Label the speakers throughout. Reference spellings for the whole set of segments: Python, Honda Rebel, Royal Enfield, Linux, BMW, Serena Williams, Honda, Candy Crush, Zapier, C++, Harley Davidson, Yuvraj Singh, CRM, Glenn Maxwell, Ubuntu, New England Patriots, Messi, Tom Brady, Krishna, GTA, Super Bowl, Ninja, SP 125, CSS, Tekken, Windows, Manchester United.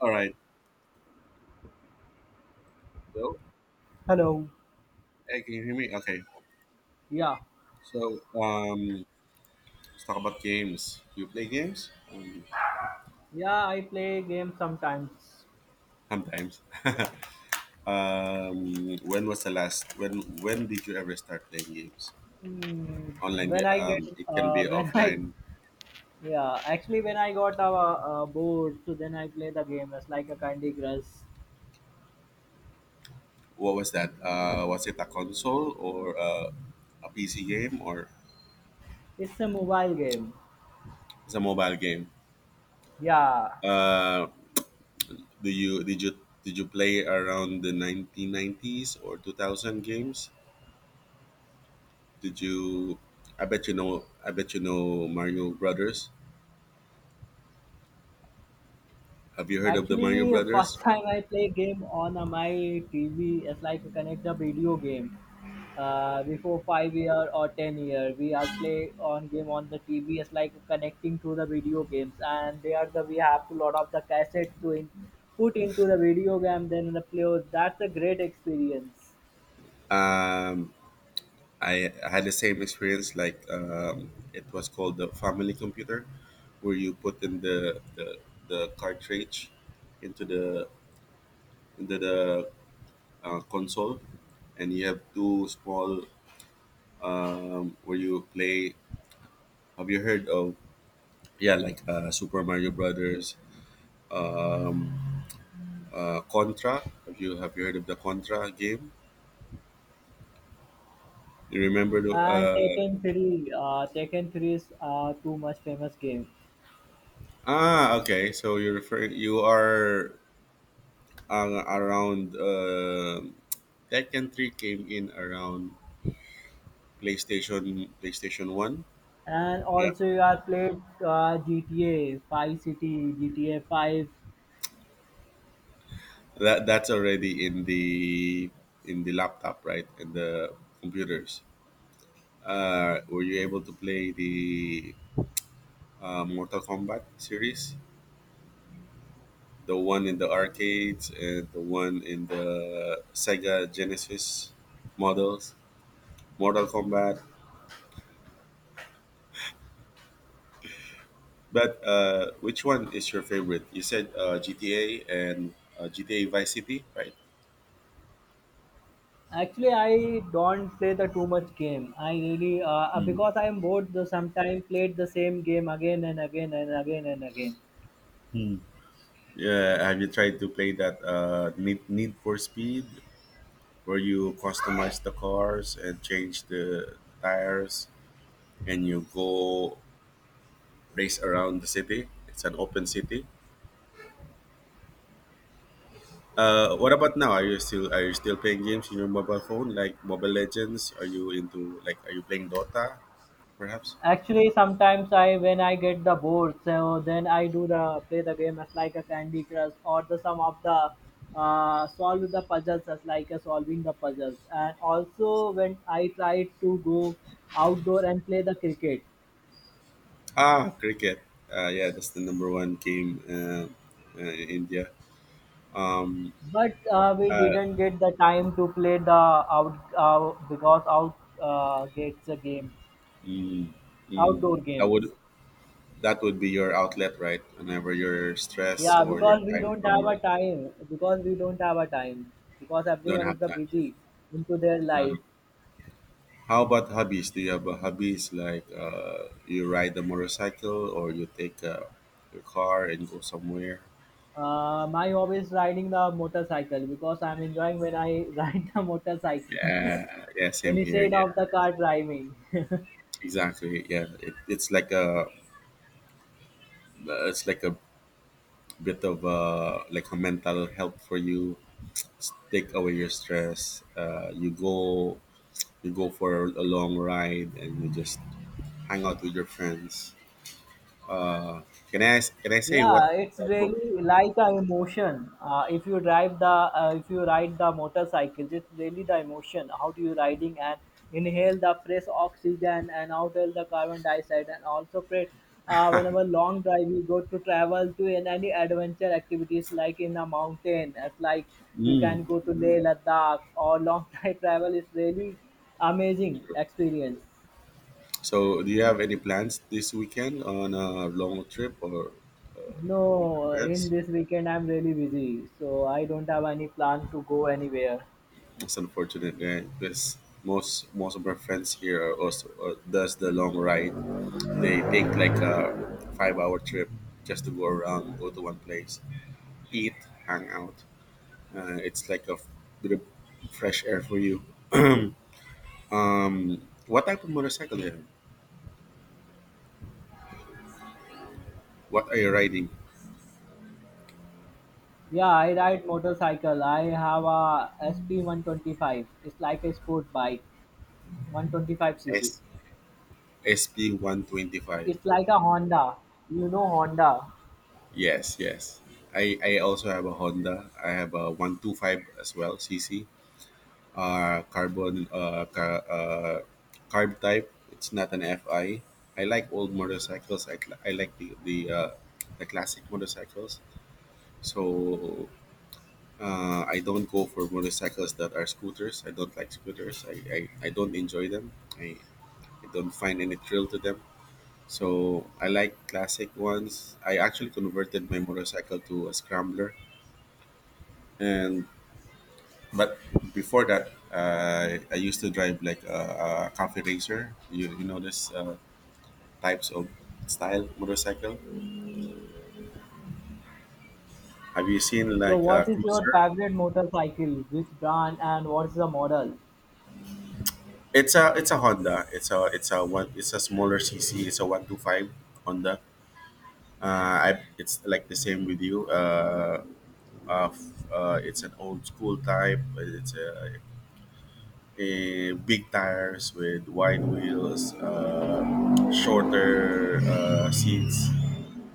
Speaker 1: All right. So,
Speaker 2: Hello.
Speaker 1: Hey, can you hear me? Okay.
Speaker 2: Yeah,
Speaker 1: So, um, let's talk about games. Do you play games?
Speaker 2: yeah, I play games sometimes.
Speaker 1: Sometimes. When was the last? When did you ever start playing games?
Speaker 2: Mm,
Speaker 1: Online.
Speaker 2: when I get,
Speaker 1: It can
Speaker 2: uh,
Speaker 1: be
Speaker 2: when I,
Speaker 1: offline.
Speaker 2: yeah, actually when I got bored, so then I play the game. It's like a Candy Crush.
Speaker 1: What was that? Was it a console or a PC game or
Speaker 2: It's a mobile game.
Speaker 1: it's a mobile game?
Speaker 2: Yeah,
Speaker 1: Uh, do you did you did you play around the 1990s or 2000 games? Did you? I bet you know. I bet you know Mario Brothers. Have you heard of the Mario
Speaker 2: actually,
Speaker 1: Brothers?
Speaker 2: first time I play game on my TV. It's like you connect the video game. Before 5 year or 10 year, we are play on game on the TV. It's like connecting to the video games, and they are the we have to load up the cassette to in, put into the video game, then the play. That's a great experience.
Speaker 1: Um, I had the same experience. Like it was called the family computer, where you put in the cartridge into the into the console, and you have two small where you play. Have you heard of yeah, like Super Mario Brothers, um, Contra. Have you heard of the Contra game? You remember the
Speaker 2: And
Speaker 1: uh
Speaker 2: Tekken three is too much famous game.
Speaker 1: Ah, okay. So you're referring you are around Tekken Three came in around PlayStation One.
Speaker 2: And
Speaker 1: Yeah,
Speaker 2: also, you have played GTA Five City, GTA Five.
Speaker 1: that that's already in the laptop, right, and the computers. Were you able to play the Mortal Kombat series? The one in the arcades and the one in the Sega Genesis models. Mortal Kombat. But Which one is your favorite? You said GTA and GTA Vice City, right?
Speaker 2: Actually, I don't play the too much game. I really because I am bored. The sometimes played the same game again and again and again and again.
Speaker 1: Yeah. Have you tried to play that Need for Speed, where you customize the cars and change the tires, and you go race around the city? It's an open city. What about now? Are you still playing games in your mobile phone, like Mobile Legends? Are you into like are you playing Dota, perhaps?
Speaker 2: Actually, sometimes I when I get the bored, so then I do the play the game as like a Candy Crush or the some of the solve the puzzles as like a solving the puzzles. And also when I try to go outdoor and play the cricket.
Speaker 1: Ah, cricket. Yeah, that's the number one game in India. Um,
Speaker 2: But we
Speaker 1: uh,
Speaker 2: didn't get the time to play the out because out gets the games,
Speaker 1: mm, mm,
Speaker 2: outdoor
Speaker 1: that would
Speaker 2: games.
Speaker 1: be your outlet, right? Whenever you're stressed
Speaker 2: Yeah,
Speaker 1: or you're
Speaker 2: because we
Speaker 1: tired
Speaker 2: don't
Speaker 1: from
Speaker 2: have a
Speaker 1: work,
Speaker 2: time. Because we don't have a time. Because
Speaker 1: don't
Speaker 2: everyone is
Speaker 1: have
Speaker 2: the
Speaker 1: that.
Speaker 2: busy into their life.
Speaker 1: Um, how about hobbies? Do you have a hobbies like you ride a motorcycle or you take your car and go somewhere?
Speaker 2: My hobby is riding the motorcycle because I'm enjoying when I ride the motorcycle
Speaker 1: Yeah, yeah, same here.
Speaker 2: instead
Speaker 1: Yeah,
Speaker 2: of the car driving.
Speaker 1: exactly. It's like a it's like a bit of like a mental help for you take away your stress, you go for a long ride and you just hang out with your friends. Uh, can i ask- can i say
Speaker 2: Yeah,
Speaker 1: what
Speaker 2: it's
Speaker 1: type of
Speaker 2: really like a emotion if you ride the motorcycles. It's really the emotion how do you riding and inhale the fresh oxygen and outhaul the carbon dioxide and also create whenever long drive you go to travel to in any adventure activities like in a mountain as like you can
Speaker 1: mm,
Speaker 2: go to Leh Ladakh or long drive travel is really amazing
Speaker 1: sure.
Speaker 2: experience.
Speaker 1: So do you have any plans this weekend on a long trip or with your
Speaker 2: No, in
Speaker 1: friends?
Speaker 2: this weekend I'm really busy, so I don't have any plan to go anywhere.
Speaker 1: It's unfortunate, right? Because most of our friends here are also does the long ride. They take like a 5 hour trip just to go around, go to one place, eat, hang out. It's like a bit of fresh air for you. um, what type of motorcycle do you. What are you riding?
Speaker 2: Yeah, I ride motorcycle. I have a SP 125. It's like a sport bike, 125 cc.
Speaker 1: S SP 125.
Speaker 2: It's like a Honda. You know Honda.
Speaker 1: Yes, yes. I also have a Honda. I have a 125 as well, C C. Carbon carb type. It's not an FI. I like old motorcycles. I like the classic motorcycles. So I don't go for motorcycles that are scooters. I don't like scooters. I don't enjoy them. I, I don't find any thrill to them. So I like classic ones. I actually converted my motorcycle to a scrambler, and but before that, I used to drive like a coffee racer. You know this types of style motorcycle. Have you seen
Speaker 2: So
Speaker 1: like a
Speaker 2: what is your
Speaker 1: cruiser?
Speaker 2: favorite motorcycle? Which brand and what is the model?
Speaker 1: It's a Honda. It's a smaller CC. It's a 125 Honda. It's like the same with you. It's an old school type. It's a big tires with wide wheels, shorter seats.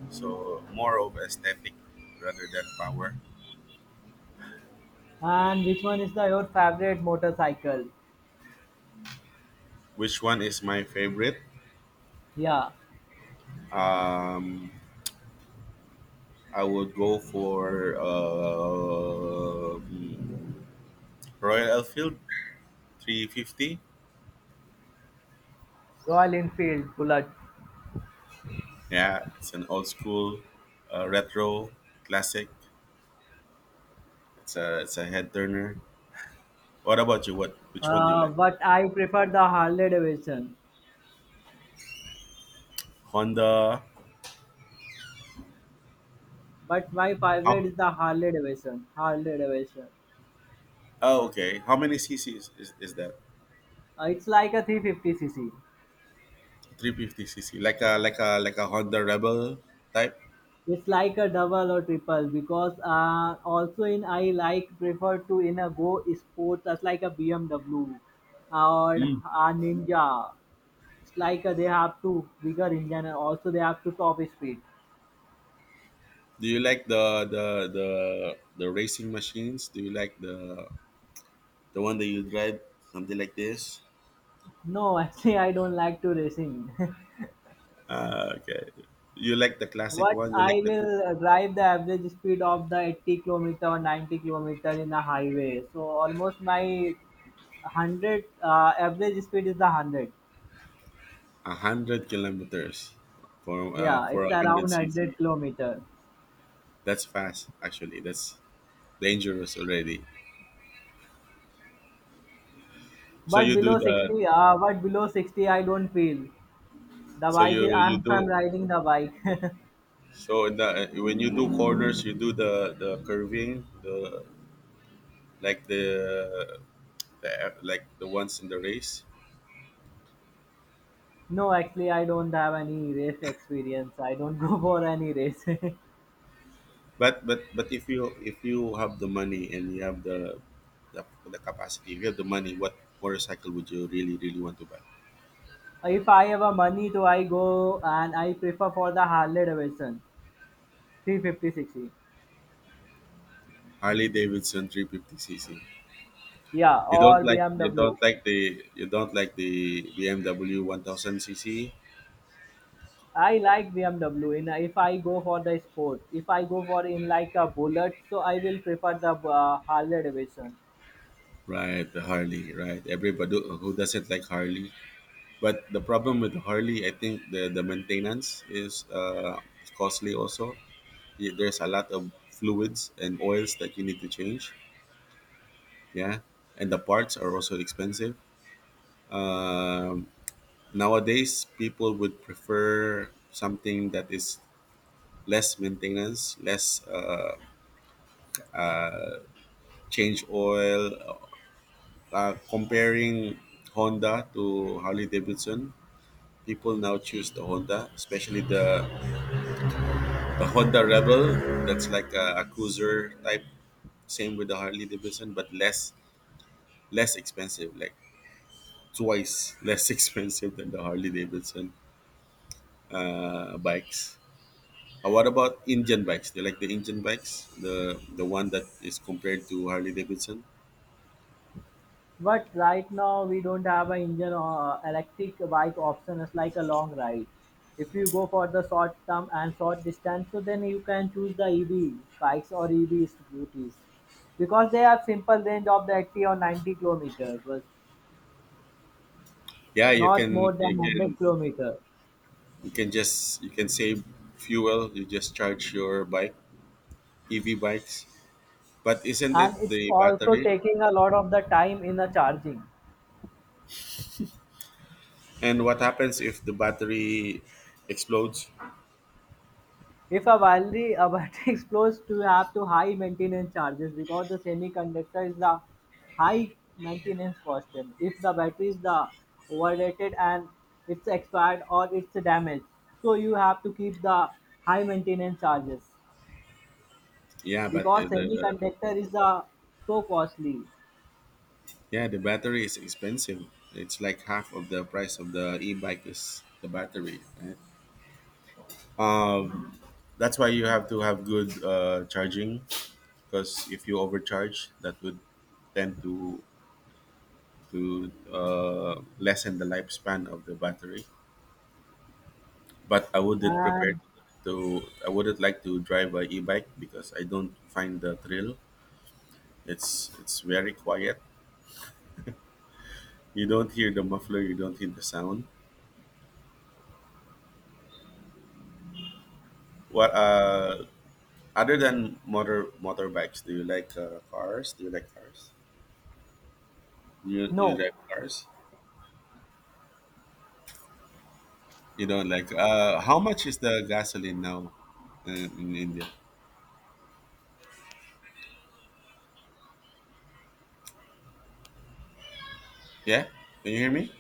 Speaker 1: So more of aesthetic rather than power.
Speaker 2: And which one is the your favorite motorcycle?
Speaker 1: Which one is my favorite?
Speaker 2: Yeah,
Speaker 1: Um, I would go for Royal Enfield 350.
Speaker 2: Royal Enfield Bullet.
Speaker 1: Yeah, it's an old school, retro classic. It's a head turner. What about you? What which one do you like?
Speaker 2: But I prefer the Harley Davidson.
Speaker 1: Honda.
Speaker 2: But my
Speaker 1: How,
Speaker 2: favorite is the Harley Davidson. Harley Davidson.
Speaker 1: oh, okay. How many CCs is that?
Speaker 2: It's like a 350 C C.
Speaker 1: 350 cc, like a Honda Rebel type.
Speaker 2: It's like a double or triple because also in I like prefer to in a go sports as like a BMW or a Ninja. It's like they have to bigger engine and also they have to top speed.
Speaker 1: Do you like the the racing machines? Do you like the one that you drive something like this?
Speaker 2: No, actually I don't like to racing.
Speaker 1: Ah, okay. You like the classic
Speaker 2: What
Speaker 1: one? You like
Speaker 2: I
Speaker 1: the
Speaker 2: will drive the average speed of the 80 kilometer or 90 kilometer in a highway. So almost my 100 average speed is the 100.
Speaker 1: a hundred kilometers
Speaker 2: Yeah,
Speaker 1: for
Speaker 2: it's
Speaker 1: a
Speaker 2: around
Speaker 1: hundred cc?
Speaker 2: 100 kilometer,
Speaker 1: That's fast, actually. That's dangerous already. So
Speaker 2: but
Speaker 1: you do
Speaker 2: below
Speaker 1: the
Speaker 2: 60 uh, but below 60 I don't feel the
Speaker 1: so
Speaker 2: bike
Speaker 1: you
Speaker 2: is,
Speaker 1: you
Speaker 2: I'm
Speaker 1: do
Speaker 2: riding the bike.
Speaker 1: so in the, when you do corners, you do the curving like the, the like the ones in the race.
Speaker 2: No, actually I don't have any race experience. I don't go for any race.
Speaker 1: But if you have the money and you have the capacity, if you have the money, what motorcycle would you really want to buy?
Speaker 2: If I have a money to I go and I prefer for the Harley Davidson 350 cc,
Speaker 1: Harley Davidson 350cc.
Speaker 2: yeah,
Speaker 1: You don't
Speaker 2: or
Speaker 1: like
Speaker 2: BMW.
Speaker 1: the you don't like the BMW 1000cc,
Speaker 2: I like BMW. In If I go for the sport, if I go for in like a bullet, so I will prefer the Harley Davidson.
Speaker 1: right? The Harley, right? Everybody who doesn't like Harley, but the problem with Harley, I think the maintenance is costly also. There's a lot of fluids and oils that you need to change, yeah, and the parts are also expensive. um, Nowadays people would prefer something that is less maintenance, less change oil, comparing Honda to Harley Davidson, people now choose the Honda, especially the Honda Rebel. That's like a cruiser type, same with the Harley Davidson but less, less expensive, like twice less expensive than the Harley Davidson bikes. What about Indian bikes? Do you like the Indian bikes? The one that is compared to Harley Davidson?
Speaker 2: But right now we don't have an engine or electric bike option. It's like a long ride. If you go for the short term and short distance, so then you can choose the EV bikes or EV scooters because they have simple range of the 80 or 90 kilometers, but
Speaker 1: Yeah, you
Speaker 2: not
Speaker 1: can
Speaker 2: more than 100 kilometers.
Speaker 1: just you can save fuel. You just charge your bike, EV bikes. But isn't
Speaker 2: And
Speaker 1: it
Speaker 2: it's
Speaker 1: the
Speaker 2: also
Speaker 1: battery?
Speaker 2: taking a lot of the time in the charging.
Speaker 1: And what happens if the battery explodes?
Speaker 2: If a battery explodes to have to high maintenance charges because the semiconductor is the high maintenance cost. Then, if the battery is the overrated and it's expired or it's damaged, so you have to keep the high maintenance charges
Speaker 1: Yeah, but
Speaker 2: because
Speaker 1: the
Speaker 2: semiconductor is the so costly.
Speaker 1: yeah the battery is expensive. It's like half of the price of the e-bike is the battery. Right? That's why you have to have good charging, because if you overcharge, that would tend to lessen the lifespan of the battery. But I wouldn't prepare
Speaker 2: And
Speaker 1: to I wouldn't like to drive a e-bike because I don't find the thrill. It's very quiet. You don't hear the muffler. You don't hear the sound. What Other than motorbikes, do you like cars? Do you like cars? Do you You
Speaker 2: no,
Speaker 1: like cars? You don't like. How much is the gasoline now in India? Yeah, can you hear me?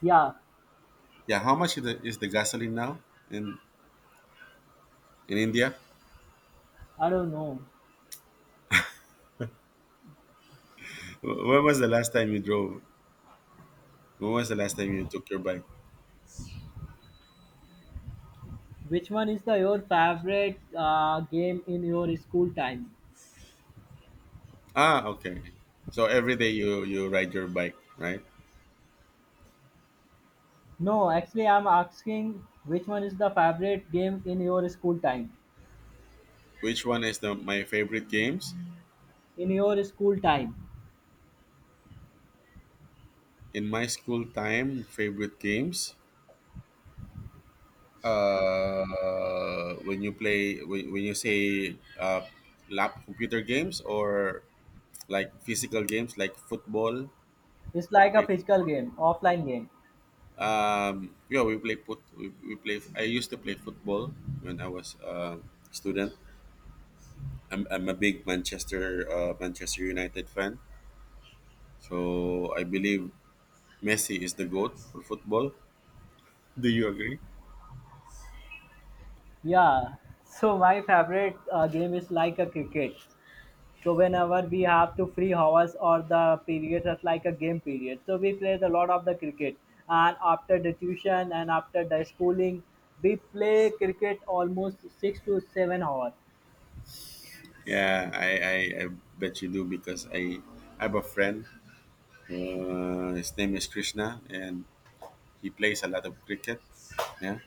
Speaker 2: yeah,
Speaker 1: Yeah, how much is the gasoline now in in India?
Speaker 2: I don't know.
Speaker 1: When was the last time you drove? When was the last time you took your bike?
Speaker 2: Which one is the your favorite game in your school time?
Speaker 1: Ah, okay. So every day you ride your bike, right?
Speaker 2: No, actually, I'm asking which one is the favorite game in your school time.
Speaker 1: Which one is the my favorite games?
Speaker 2: In your school time,
Speaker 1: In my school time, favorite games. When you play, when you say lap computer games or like physical games like football,
Speaker 2: it's
Speaker 1: you
Speaker 2: like
Speaker 1: play
Speaker 2: a physical
Speaker 1: football.
Speaker 2: game, offline game.
Speaker 1: We play. I used to play football when I was a student. I'm a big Manchester Manchester United fan, so I believe Messi is the goat for football. Do you agree?
Speaker 2: Yeah. So my favorite game is like a cricket. So whenever we have to free hours or the period is like a game period, so we play a lot of the cricket. And after the tuition and after the schooling, we play cricket almost 6 to 7 hours.
Speaker 1: Yeah, I bet you do because I have a friend. His name is Krishna, and he plays a lot of cricket. Yeah,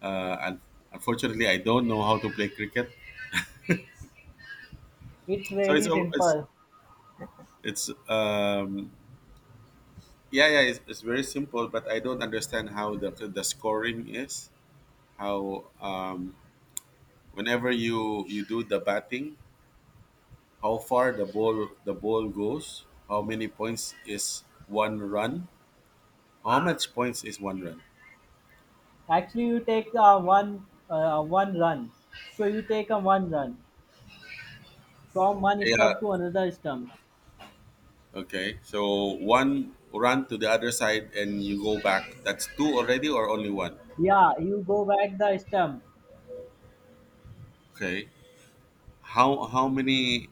Speaker 1: and unfortunately, I don't know how to play cricket,
Speaker 2: It's
Speaker 1: so it's
Speaker 2: really
Speaker 1: al- it's
Speaker 2: simple.
Speaker 1: it's um, yeah, yeah, it's very simple, but I don't understand how the scoring is. How, whenever you you do the batting, how far the ball goes, how many points is one run? How much points is one run?
Speaker 2: Actually, you take one run. So you take a one run from one
Speaker 1: Yeah.
Speaker 2: stump to another stump.
Speaker 1: Okay. So one run to the other side and you go back. That's two already or only one?
Speaker 2: Yeah, you go back the stump.
Speaker 1: Okay. How many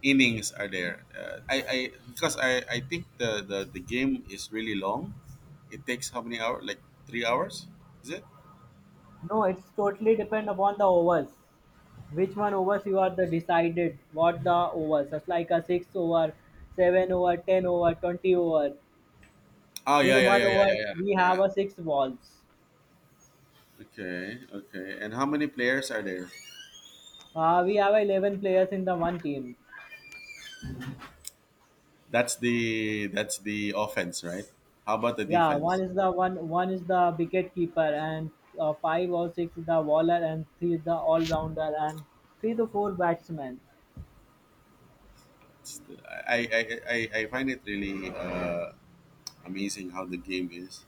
Speaker 1: innings are there? I Because I think the game is really long. It takes how many hours? Like 3 hours? Is it?
Speaker 2: No, it's totally depend upon the overs. Which one overs you are the decided what the overs. It's like a 6 over, 7 over, 10 over, 20 over.
Speaker 1: Oh yeah
Speaker 2: In
Speaker 1: yeah
Speaker 2: one
Speaker 1: yeah yeah
Speaker 2: over,
Speaker 1: yeah yeah
Speaker 2: we have
Speaker 1: yeah.
Speaker 2: a six balls.
Speaker 1: Okay, okay. And how many players are there?
Speaker 2: We have 11 players in the one team.
Speaker 1: That's the offense, right? How about the
Speaker 2: Yeah,
Speaker 1: defense?
Speaker 2: one is the wicket keeper, and five or six is the bowler, and three is the all rounder, and three to four batsmen.
Speaker 1: It's- I I, I find it really amazing how the game is.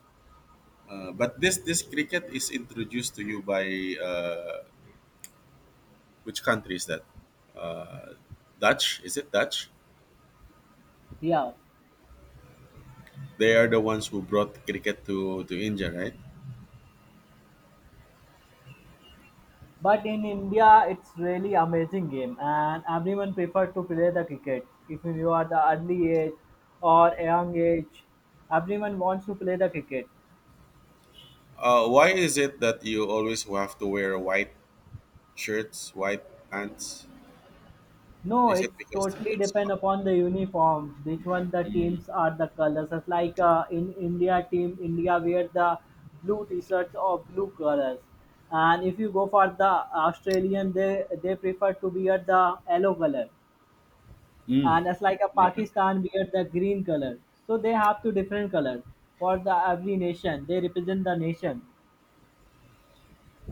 Speaker 1: But this cricket is introduced to you by uh, which country is that? Dutch? Is it Dutch?
Speaker 2: Yeah.
Speaker 1: They are the ones who brought cricket to India, right?
Speaker 2: But in India it's really amazing game and everyone prefer to play the cricket. If you are the early age or young age, everyone wants to play the cricket.
Speaker 1: Why is it that you always have to wear white shirts, white pants?
Speaker 2: No,
Speaker 1: Is
Speaker 2: it
Speaker 1: it because
Speaker 2: totally
Speaker 1: it's
Speaker 2: depend
Speaker 1: hot?
Speaker 2: upon the uniform, which one the teams are the colors. It's like in India team, India wear the blue t-shirts or blue colors. And if you go for the Australian, they prefer to wear the yellow color.
Speaker 1: Mm,
Speaker 2: And it's like a
Speaker 1: right.
Speaker 2: Pakistan wear the green color. So they have two different colors for the every nation. They represent the nation.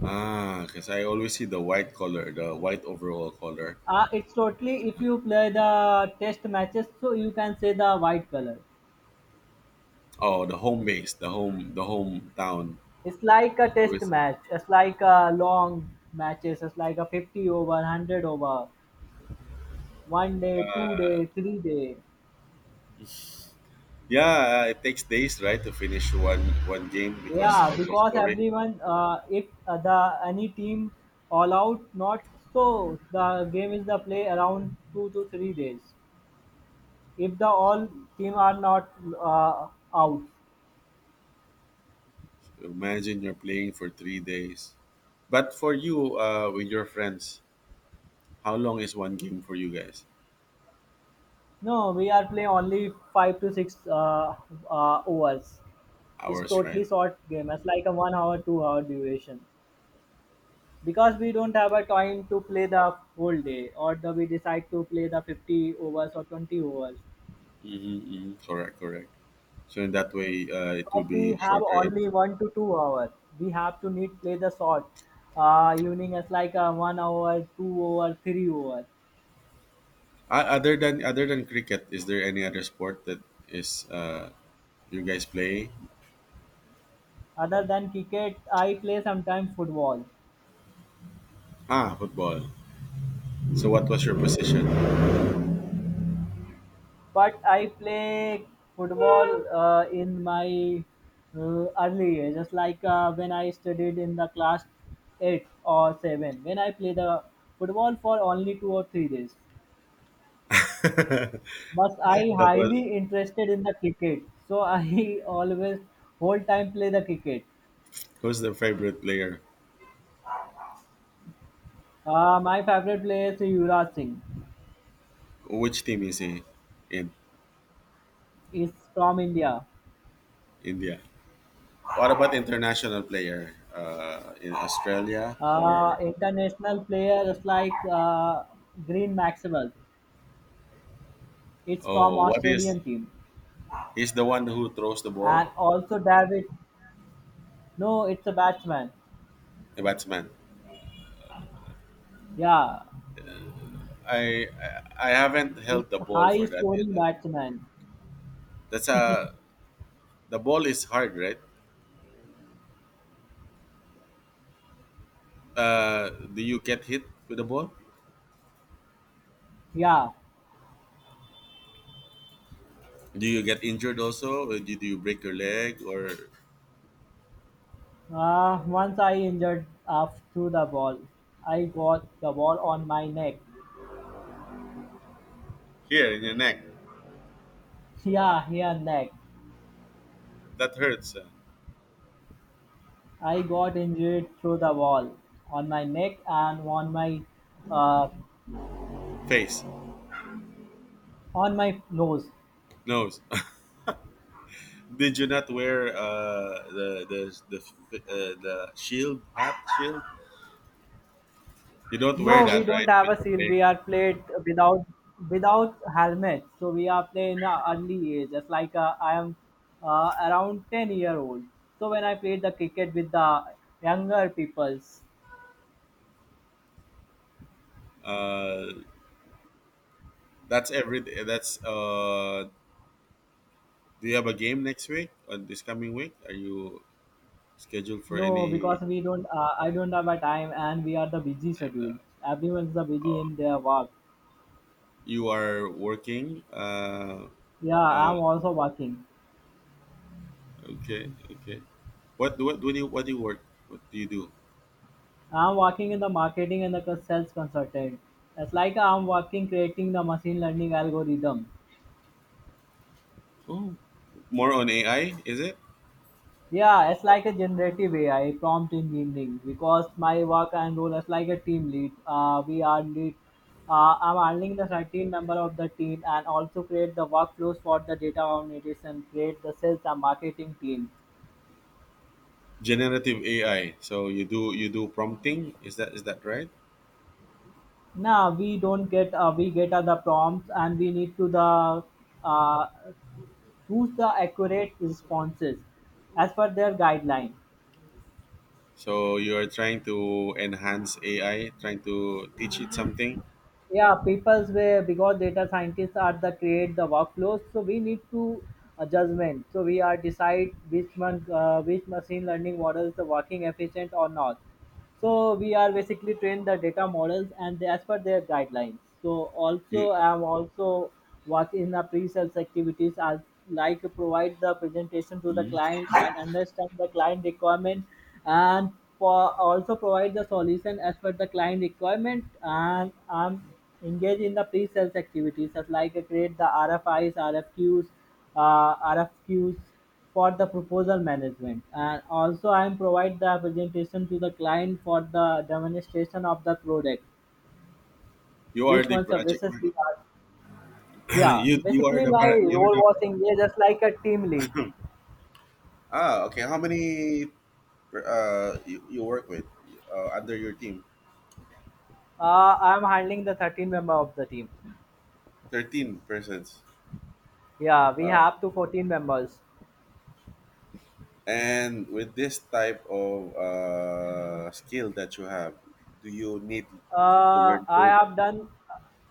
Speaker 1: Ah, because I always see the white color, the white overall color.
Speaker 2: It's totally if you play the test matches, so you can say the white color.
Speaker 1: Oh, the home base, the home, the hometown.
Speaker 2: It's like a test
Speaker 1: Always.
Speaker 2: match. It's like a long matches. It's like a 50 over, 100 over, 1 day, 2 day, 3 day.
Speaker 1: Yeah, it takes days, right, to finish one game because
Speaker 2: Yeah,
Speaker 1: of the
Speaker 2: because
Speaker 1: scoring.
Speaker 2: everyone, if the any team all out, not so the game is the play around 2 to 3 days. If the
Speaker 1: So,
Speaker 2: all team are not uh, out,
Speaker 1: imagine you're playing for 3 days. But for you, with your friends, how long is one game for you guys?
Speaker 2: no, we are play only 5 to 6 overs. It's
Speaker 1: Hours, right?
Speaker 2: totally short game. It's like a 1 hour, 2 hour duration. Because we don't have a time to play the whole day or the we decide to play the 50 overs or 20 overs,
Speaker 1: Mm-hmm, mm-hmm. Correct, correct. So in that way, it will
Speaker 2: because we
Speaker 1: be
Speaker 2: have
Speaker 1: shorter. And
Speaker 2: only 1 to 2 hours. We have to need play the short evening as like a 1 hour 2 hour 3 hour.
Speaker 1: other than cricket, is there any other sport that is you guys play?
Speaker 2: Other than cricket, I play sometimes football,
Speaker 1: Ah, football. So what was your position?
Speaker 2: but I play football in my early years, just like when I studied in the class 8 or 7. When I play the football for only 2 or 3 days,
Speaker 1: that
Speaker 2: but I
Speaker 1: was
Speaker 2: highly interested in the cricket, so I always whole time play the cricket.
Speaker 1: Who's the favorite player?
Speaker 2: My favorite player is Yuvraj Singh.
Speaker 1: Which team is he in?
Speaker 2: Is from India.
Speaker 1: India? What about international player? In Australia or
Speaker 2: International player is like Green Maxwell. It's from
Speaker 1: oh, what is,
Speaker 2: Australian team.
Speaker 1: he's the one who throws the ball,
Speaker 2: And also David, no, it's a batsman.
Speaker 1: the batsman.
Speaker 2: Yeah,
Speaker 1: I haven't held the
Speaker 2: it's
Speaker 1: ball
Speaker 2: high
Speaker 1: for that.
Speaker 2: scoring batsman.
Speaker 1: That's a The ball is hard, right? Do you get hit with the ball?
Speaker 2: Yeah,
Speaker 1: Do you get injured also? Or do you break your leg or
Speaker 2: once I injured up through the ball. I got the ball on my neck.
Speaker 1: here in your neck?
Speaker 2: Yeah, here neck.
Speaker 1: That hurts.
Speaker 2: I got injured through the ball on my neck and uh,
Speaker 1: Face,
Speaker 2: on my nose.
Speaker 1: nose. Did you not wear the shield, hat shield? You don't wear
Speaker 2: No,
Speaker 1: that,
Speaker 2: we
Speaker 1: right?
Speaker 2: don't have
Speaker 1: When
Speaker 2: a
Speaker 1: you're
Speaker 2: seal.
Speaker 1: playing.
Speaker 2: We are played without helmet. So we are playing in a early age. Just like I am around 10 year old. So when I played the cricket with the younger peoples,
Speaker 1: Uh, that's every. That's. Do you have a game next week or this coming week? Are you schedule for
Speaker 2: no,
Speaker 1: any
Speaker 2: because we don't. I don't have a time, and we are the busy schedule.
Speaker 1: uh,
Speaker 2: Everyone's the busy in their work.
Speaker 1: you are working
Speaker 2: Yeah,
Speaker 1: uh,
Speaker 2: I'm also working.
Speaker 1: okay, okay. What do you, what do you work, what do you do?
Speaker 2: I'm working in the marketing and the sales consultant. It's like I'm working creating the machine learning algorithm.
Speaker 1: Oh, more on AI, is it?
Speaker 2: Yeah, it's like a generative AI prompt engineering because my work and role is like a team lead. We are lead. I'm handling the 13 member of the team and also create the workflows for the data organization, create the sales and marketing team.
Speaker 1: Generative AI, so you do, you do prompting, is that, is that right?
Speaker 2: Now we don't get we get the prompts and we need to the uh, choose the accurate responses as per their guideline.
Speaker 1: So you are trying to enhance AI, trying to teach it something.
Speaker 2: Yeah, people's way because data scientists are the create the workflows, so we need to judgment. So we are decide which one which machine learning models the working efficient or not. So we are basically trained the data models and they, as per their guidelines. So
Speaker 1: You
Speaker 2: also I'm also work in the pre-sales activities, as like provide the presentation to the
Speaker 1: Mhm.
Speaker 2: client and understand the client requirement. And for also provide the solution as per the client requirement. And I'm engaged in the pre-sales activities, as like create the R F Is, rfis, rfqs, R F Qs for the proposal management. And also I am provide the presentation to the client for the demonstration of the product,
Speaker 1: You are
Speaker 2: which
Speaker 1: the
Speaker 2: one
Speaker 1: project
Speaker 2: services
Speaker 1: man.
Speaker 2: we are. Yeah,
Speaker 1: You are
Speaker 2: basically
Speaker 1: the
Speaker 2: my
Speaker 1: par- you are
Speaker 2: role
Speaker 1: the
Speaker 2: was engaged just like a team lead.
Speaker 1: pro- ah, okay. How many you, you work with under your team?
Speaker 2: I'm handling the 13 member of the team.
Speaker 1: 13 persons?
Speaker 2: Yeah, we
Speaker 1: Wow.
Speaker 2: have to 14 members.
Speaker 1: And with this type of skill that you have, do you need to
Speaker 2: Uh,
Speaker 1: learn
Speaker 2: I
Speaker 1: code?
Speaker 2: have done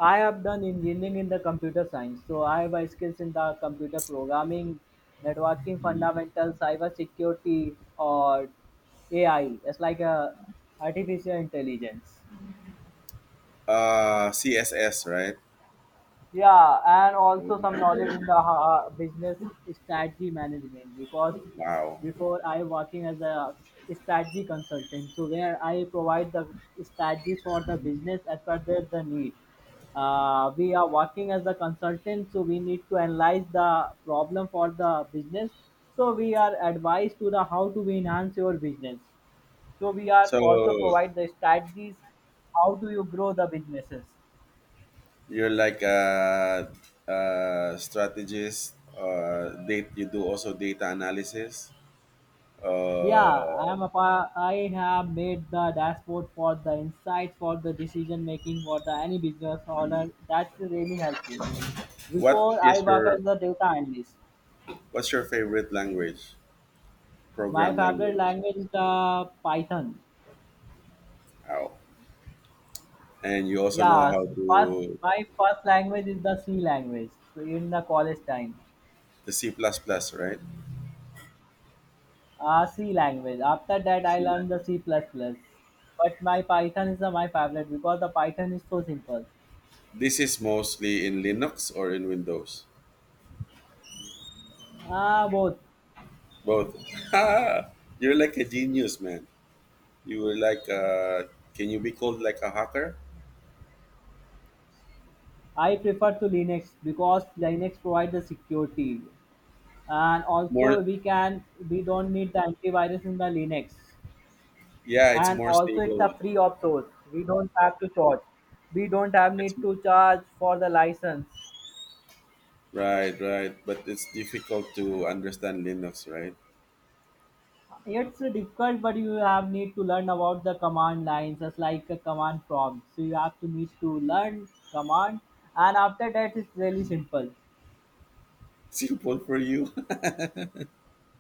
Speaker 2: I have done engineering in the computer science. So I have a skills in the computer programming, networking fundamentals, cyber security or AI. It's like a artificial intelligence.
Speaker 1: CSS, right?
Speaker 2: Yeah, and also some knowledge in the business strategy management, because
Speaker 1: Wow.
Speaker 2: before I working as a strategy consultant, so where I provide the strategies for the business as per their the need. We are working as a consultant, so we need to analyze the problem for the business. So we are advised to the how to enhance your business. So we are
Speaker 1: So
Speaker 2: also provide the strategies how do you grow the businesses.
Speaker 1: you're like a strategist, date you do also data analysis?
Speaker 2: Yeah,
Speaker 1: uh,
Speaker 2: I have made the dashboard for the insights for the decision making for the any business owner. That's really helpful.
Speaker 1: what
Speaker 2: Before I
Speaker 1: is
Speaker 2: work
Speaker 1: your
Speaker 2: as a data analyst,
Speaker 1: what's your favorite language,
Speaker 2: my
Speaker 1: program
Speaker 2: favorite
Speaker 1: language?
Speaker 2: language is the Python.
Speaker 1: Wow. And you also know
Speaker 2: Yeah,
Speaker 1: how
Speaker 2: first
Speaker 1: to,
Speaker 2: my first language is the C language. So in the college time,
Speaker 1: the C++, plus plus, right?
Speaker 2: C language. After that, I
Speaker 1: C9.
Speaker 2: learned the C plus plus. But my Python is my favorite because the Python is so simple.
Speaker 1: This is mostly in Linux or in Windows?
Speaker 2: Ah, both.
Speaker 1: Both. You're like a genius, man. You were like can you be called like a hacker?
Speaker 2: I prefer to Linux because Linux provides the security, and also
Speaker 1: More,
Speaker 2: we don't need the antivirus in the Linux,
Speaker 1: yeah, it's
Speaker 2: and
Speaker 1: more
Speaker 2: also it's
Speaker 1: stable.
Speaker 2: a free of source. We don't have to charge. We don't have
Speaker 1: It's
Speaker 2: need to charge for the license.
Speaker 1: right, right. But it's difficult to understand Linux, right?
Speaker 2: It's difficult, but you have need to learn about the command lines, just like a command prompt. So you have to need to learn command, and after that it's really simple.
Speaker 1: Simple for you.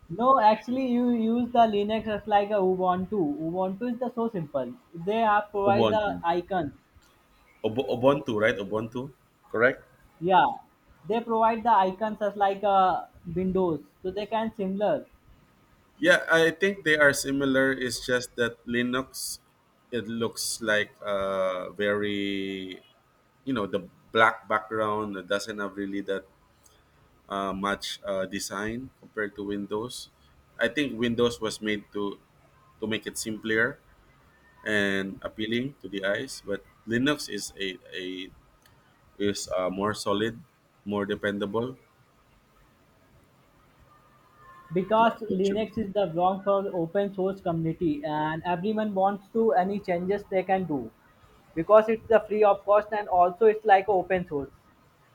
Speaker 2: No, actually, you use the Linux as like a Ubuntu. Ubuntu is the so simple. They have provide
Speaker 1: Ubuntu.
Speaker 2: the icons.
Speaker 1: Ubuntu, right? Ubuntu. Correct?
Speaker 2: Yeah, they provide the icons as like a Windows, so they can similar
Speaker 1: Yeah, I think they are similar. It's just that Linux, it looks like very, you know, the black background, it doesn't have really that much design compared to Windows. I think Windows was made to make it simpler and appealing to the eyes, but Linux is a is more solid, more dependable.
Speaker 2: because
Speaker 1: Don't you?
Speaker 2: Linux is the wrong for open source community, and everyone wants to any changes they can do because it's the free of cost and also it's like open source.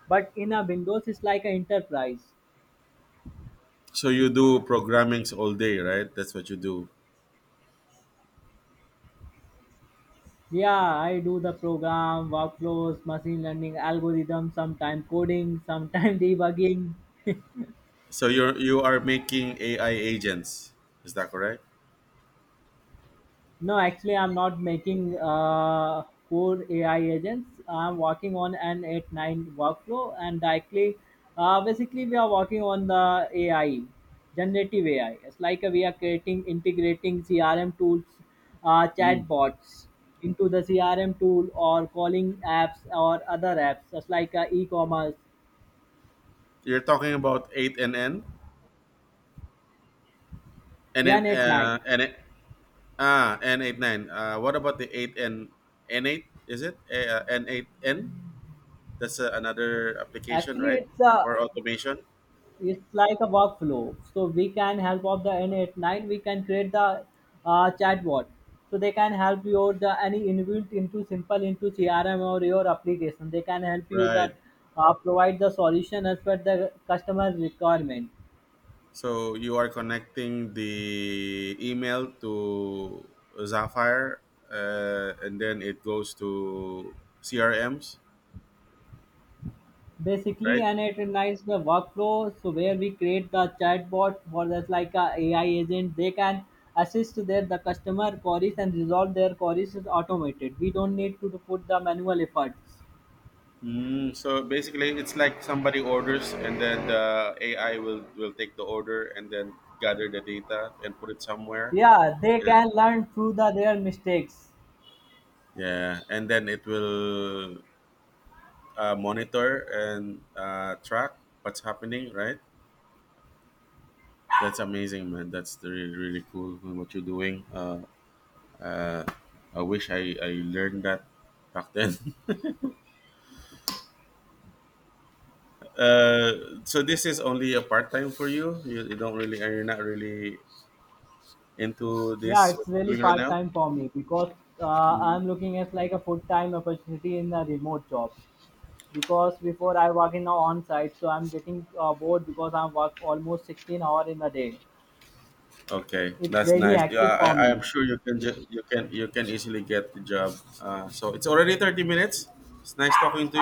Speaker 2: But in a Windows, it's like an enterprise.
Speaker 1: So you do programming all day, right? That's what you do.
Speaker 2: Yeah, I do the program, workflows, machine learning algorithms, sometime coding, sometime debugging.
Speaker 1: So you're, you are making AI agents. Is that correct?
Speaker 2: No, actually, I'm not making core AI agents. I'm working on an 8-9 workflow and directly, basically, we are working on the AI, generative AI. It's like we are creating, integrating CRM tools,
Speaker 1: Mm.
Speaker 2: chatbots into the CRM tool or calling apps or other apps, just like e-commerce,
Speaker 1: You're talking about eight and N, and
Speaker 2: yeah,
Speaker 1: then
Speaker 2: net nine.
Speaker 1: ah, N 8 9. What about the eight and N eight? Is it N eight N? That's another application,
Speaker 2: Actually,
Speaker 1: right? For automation,
Speaker 2: it's like a workflow. So we can help of the in at nine. We can create the chatbot. So they can help you the any inbuilt into simple into CRM or your application. They can help you that
Speaker 1: right?
Speaker 2: provide the solution as per the customer requirement.
Speaker 1: So you are connecting the email to Zapier, and then it goes to CRMs,
Speaker 2: Basically,
Speaker 1: right?
Speaker 2: and it unites the workflow, so where we create the chatbot for that's like a ai agent, they can assist their the customer queries and resolve their queries is automated. We don't need to put the manual efforts.
Speaker 1: Mm, so basically, it's like somebody orders, and then the AI will take the order and then gather the data and put it somewhere.
Speaker 2: Yeah, they
Speaker 1: Yeah,
Speaker 2: can learn through the their mistakes.
Speaker 1: yeah. And then it will monitor and track what's happening, right? That's amazing, man. That's the really really cool what you're doing. Uh, I wish I learned that back then. So this is only a part time for you. You don't really, you're not really into
Speaker 2: Yeah,
Speaker 1: this what
Speaker 2: it's
Speaker 1: you're
Speaker 2: really
Speaker 1: doing right
Speaker 2: part
Speaker 1: now.
Speaker 2: time for me because I'm looking at like a full time opportunity in a remote job, because before I work in a on site, so I'm getting bored because I'm work almost 16 hour in a day.
Speaker 1: Okay,
Speaker 2: It's
Speaker 1: that's
Speaker 2: really
Speaker 1: nice. Yeah,
Speaker 2: active for
Speaker 1: I
Speaker 2: me.
Speaker 1: am sure you can you can, you can easily get the job. So it's already 30 minutes. It's nice talking to you.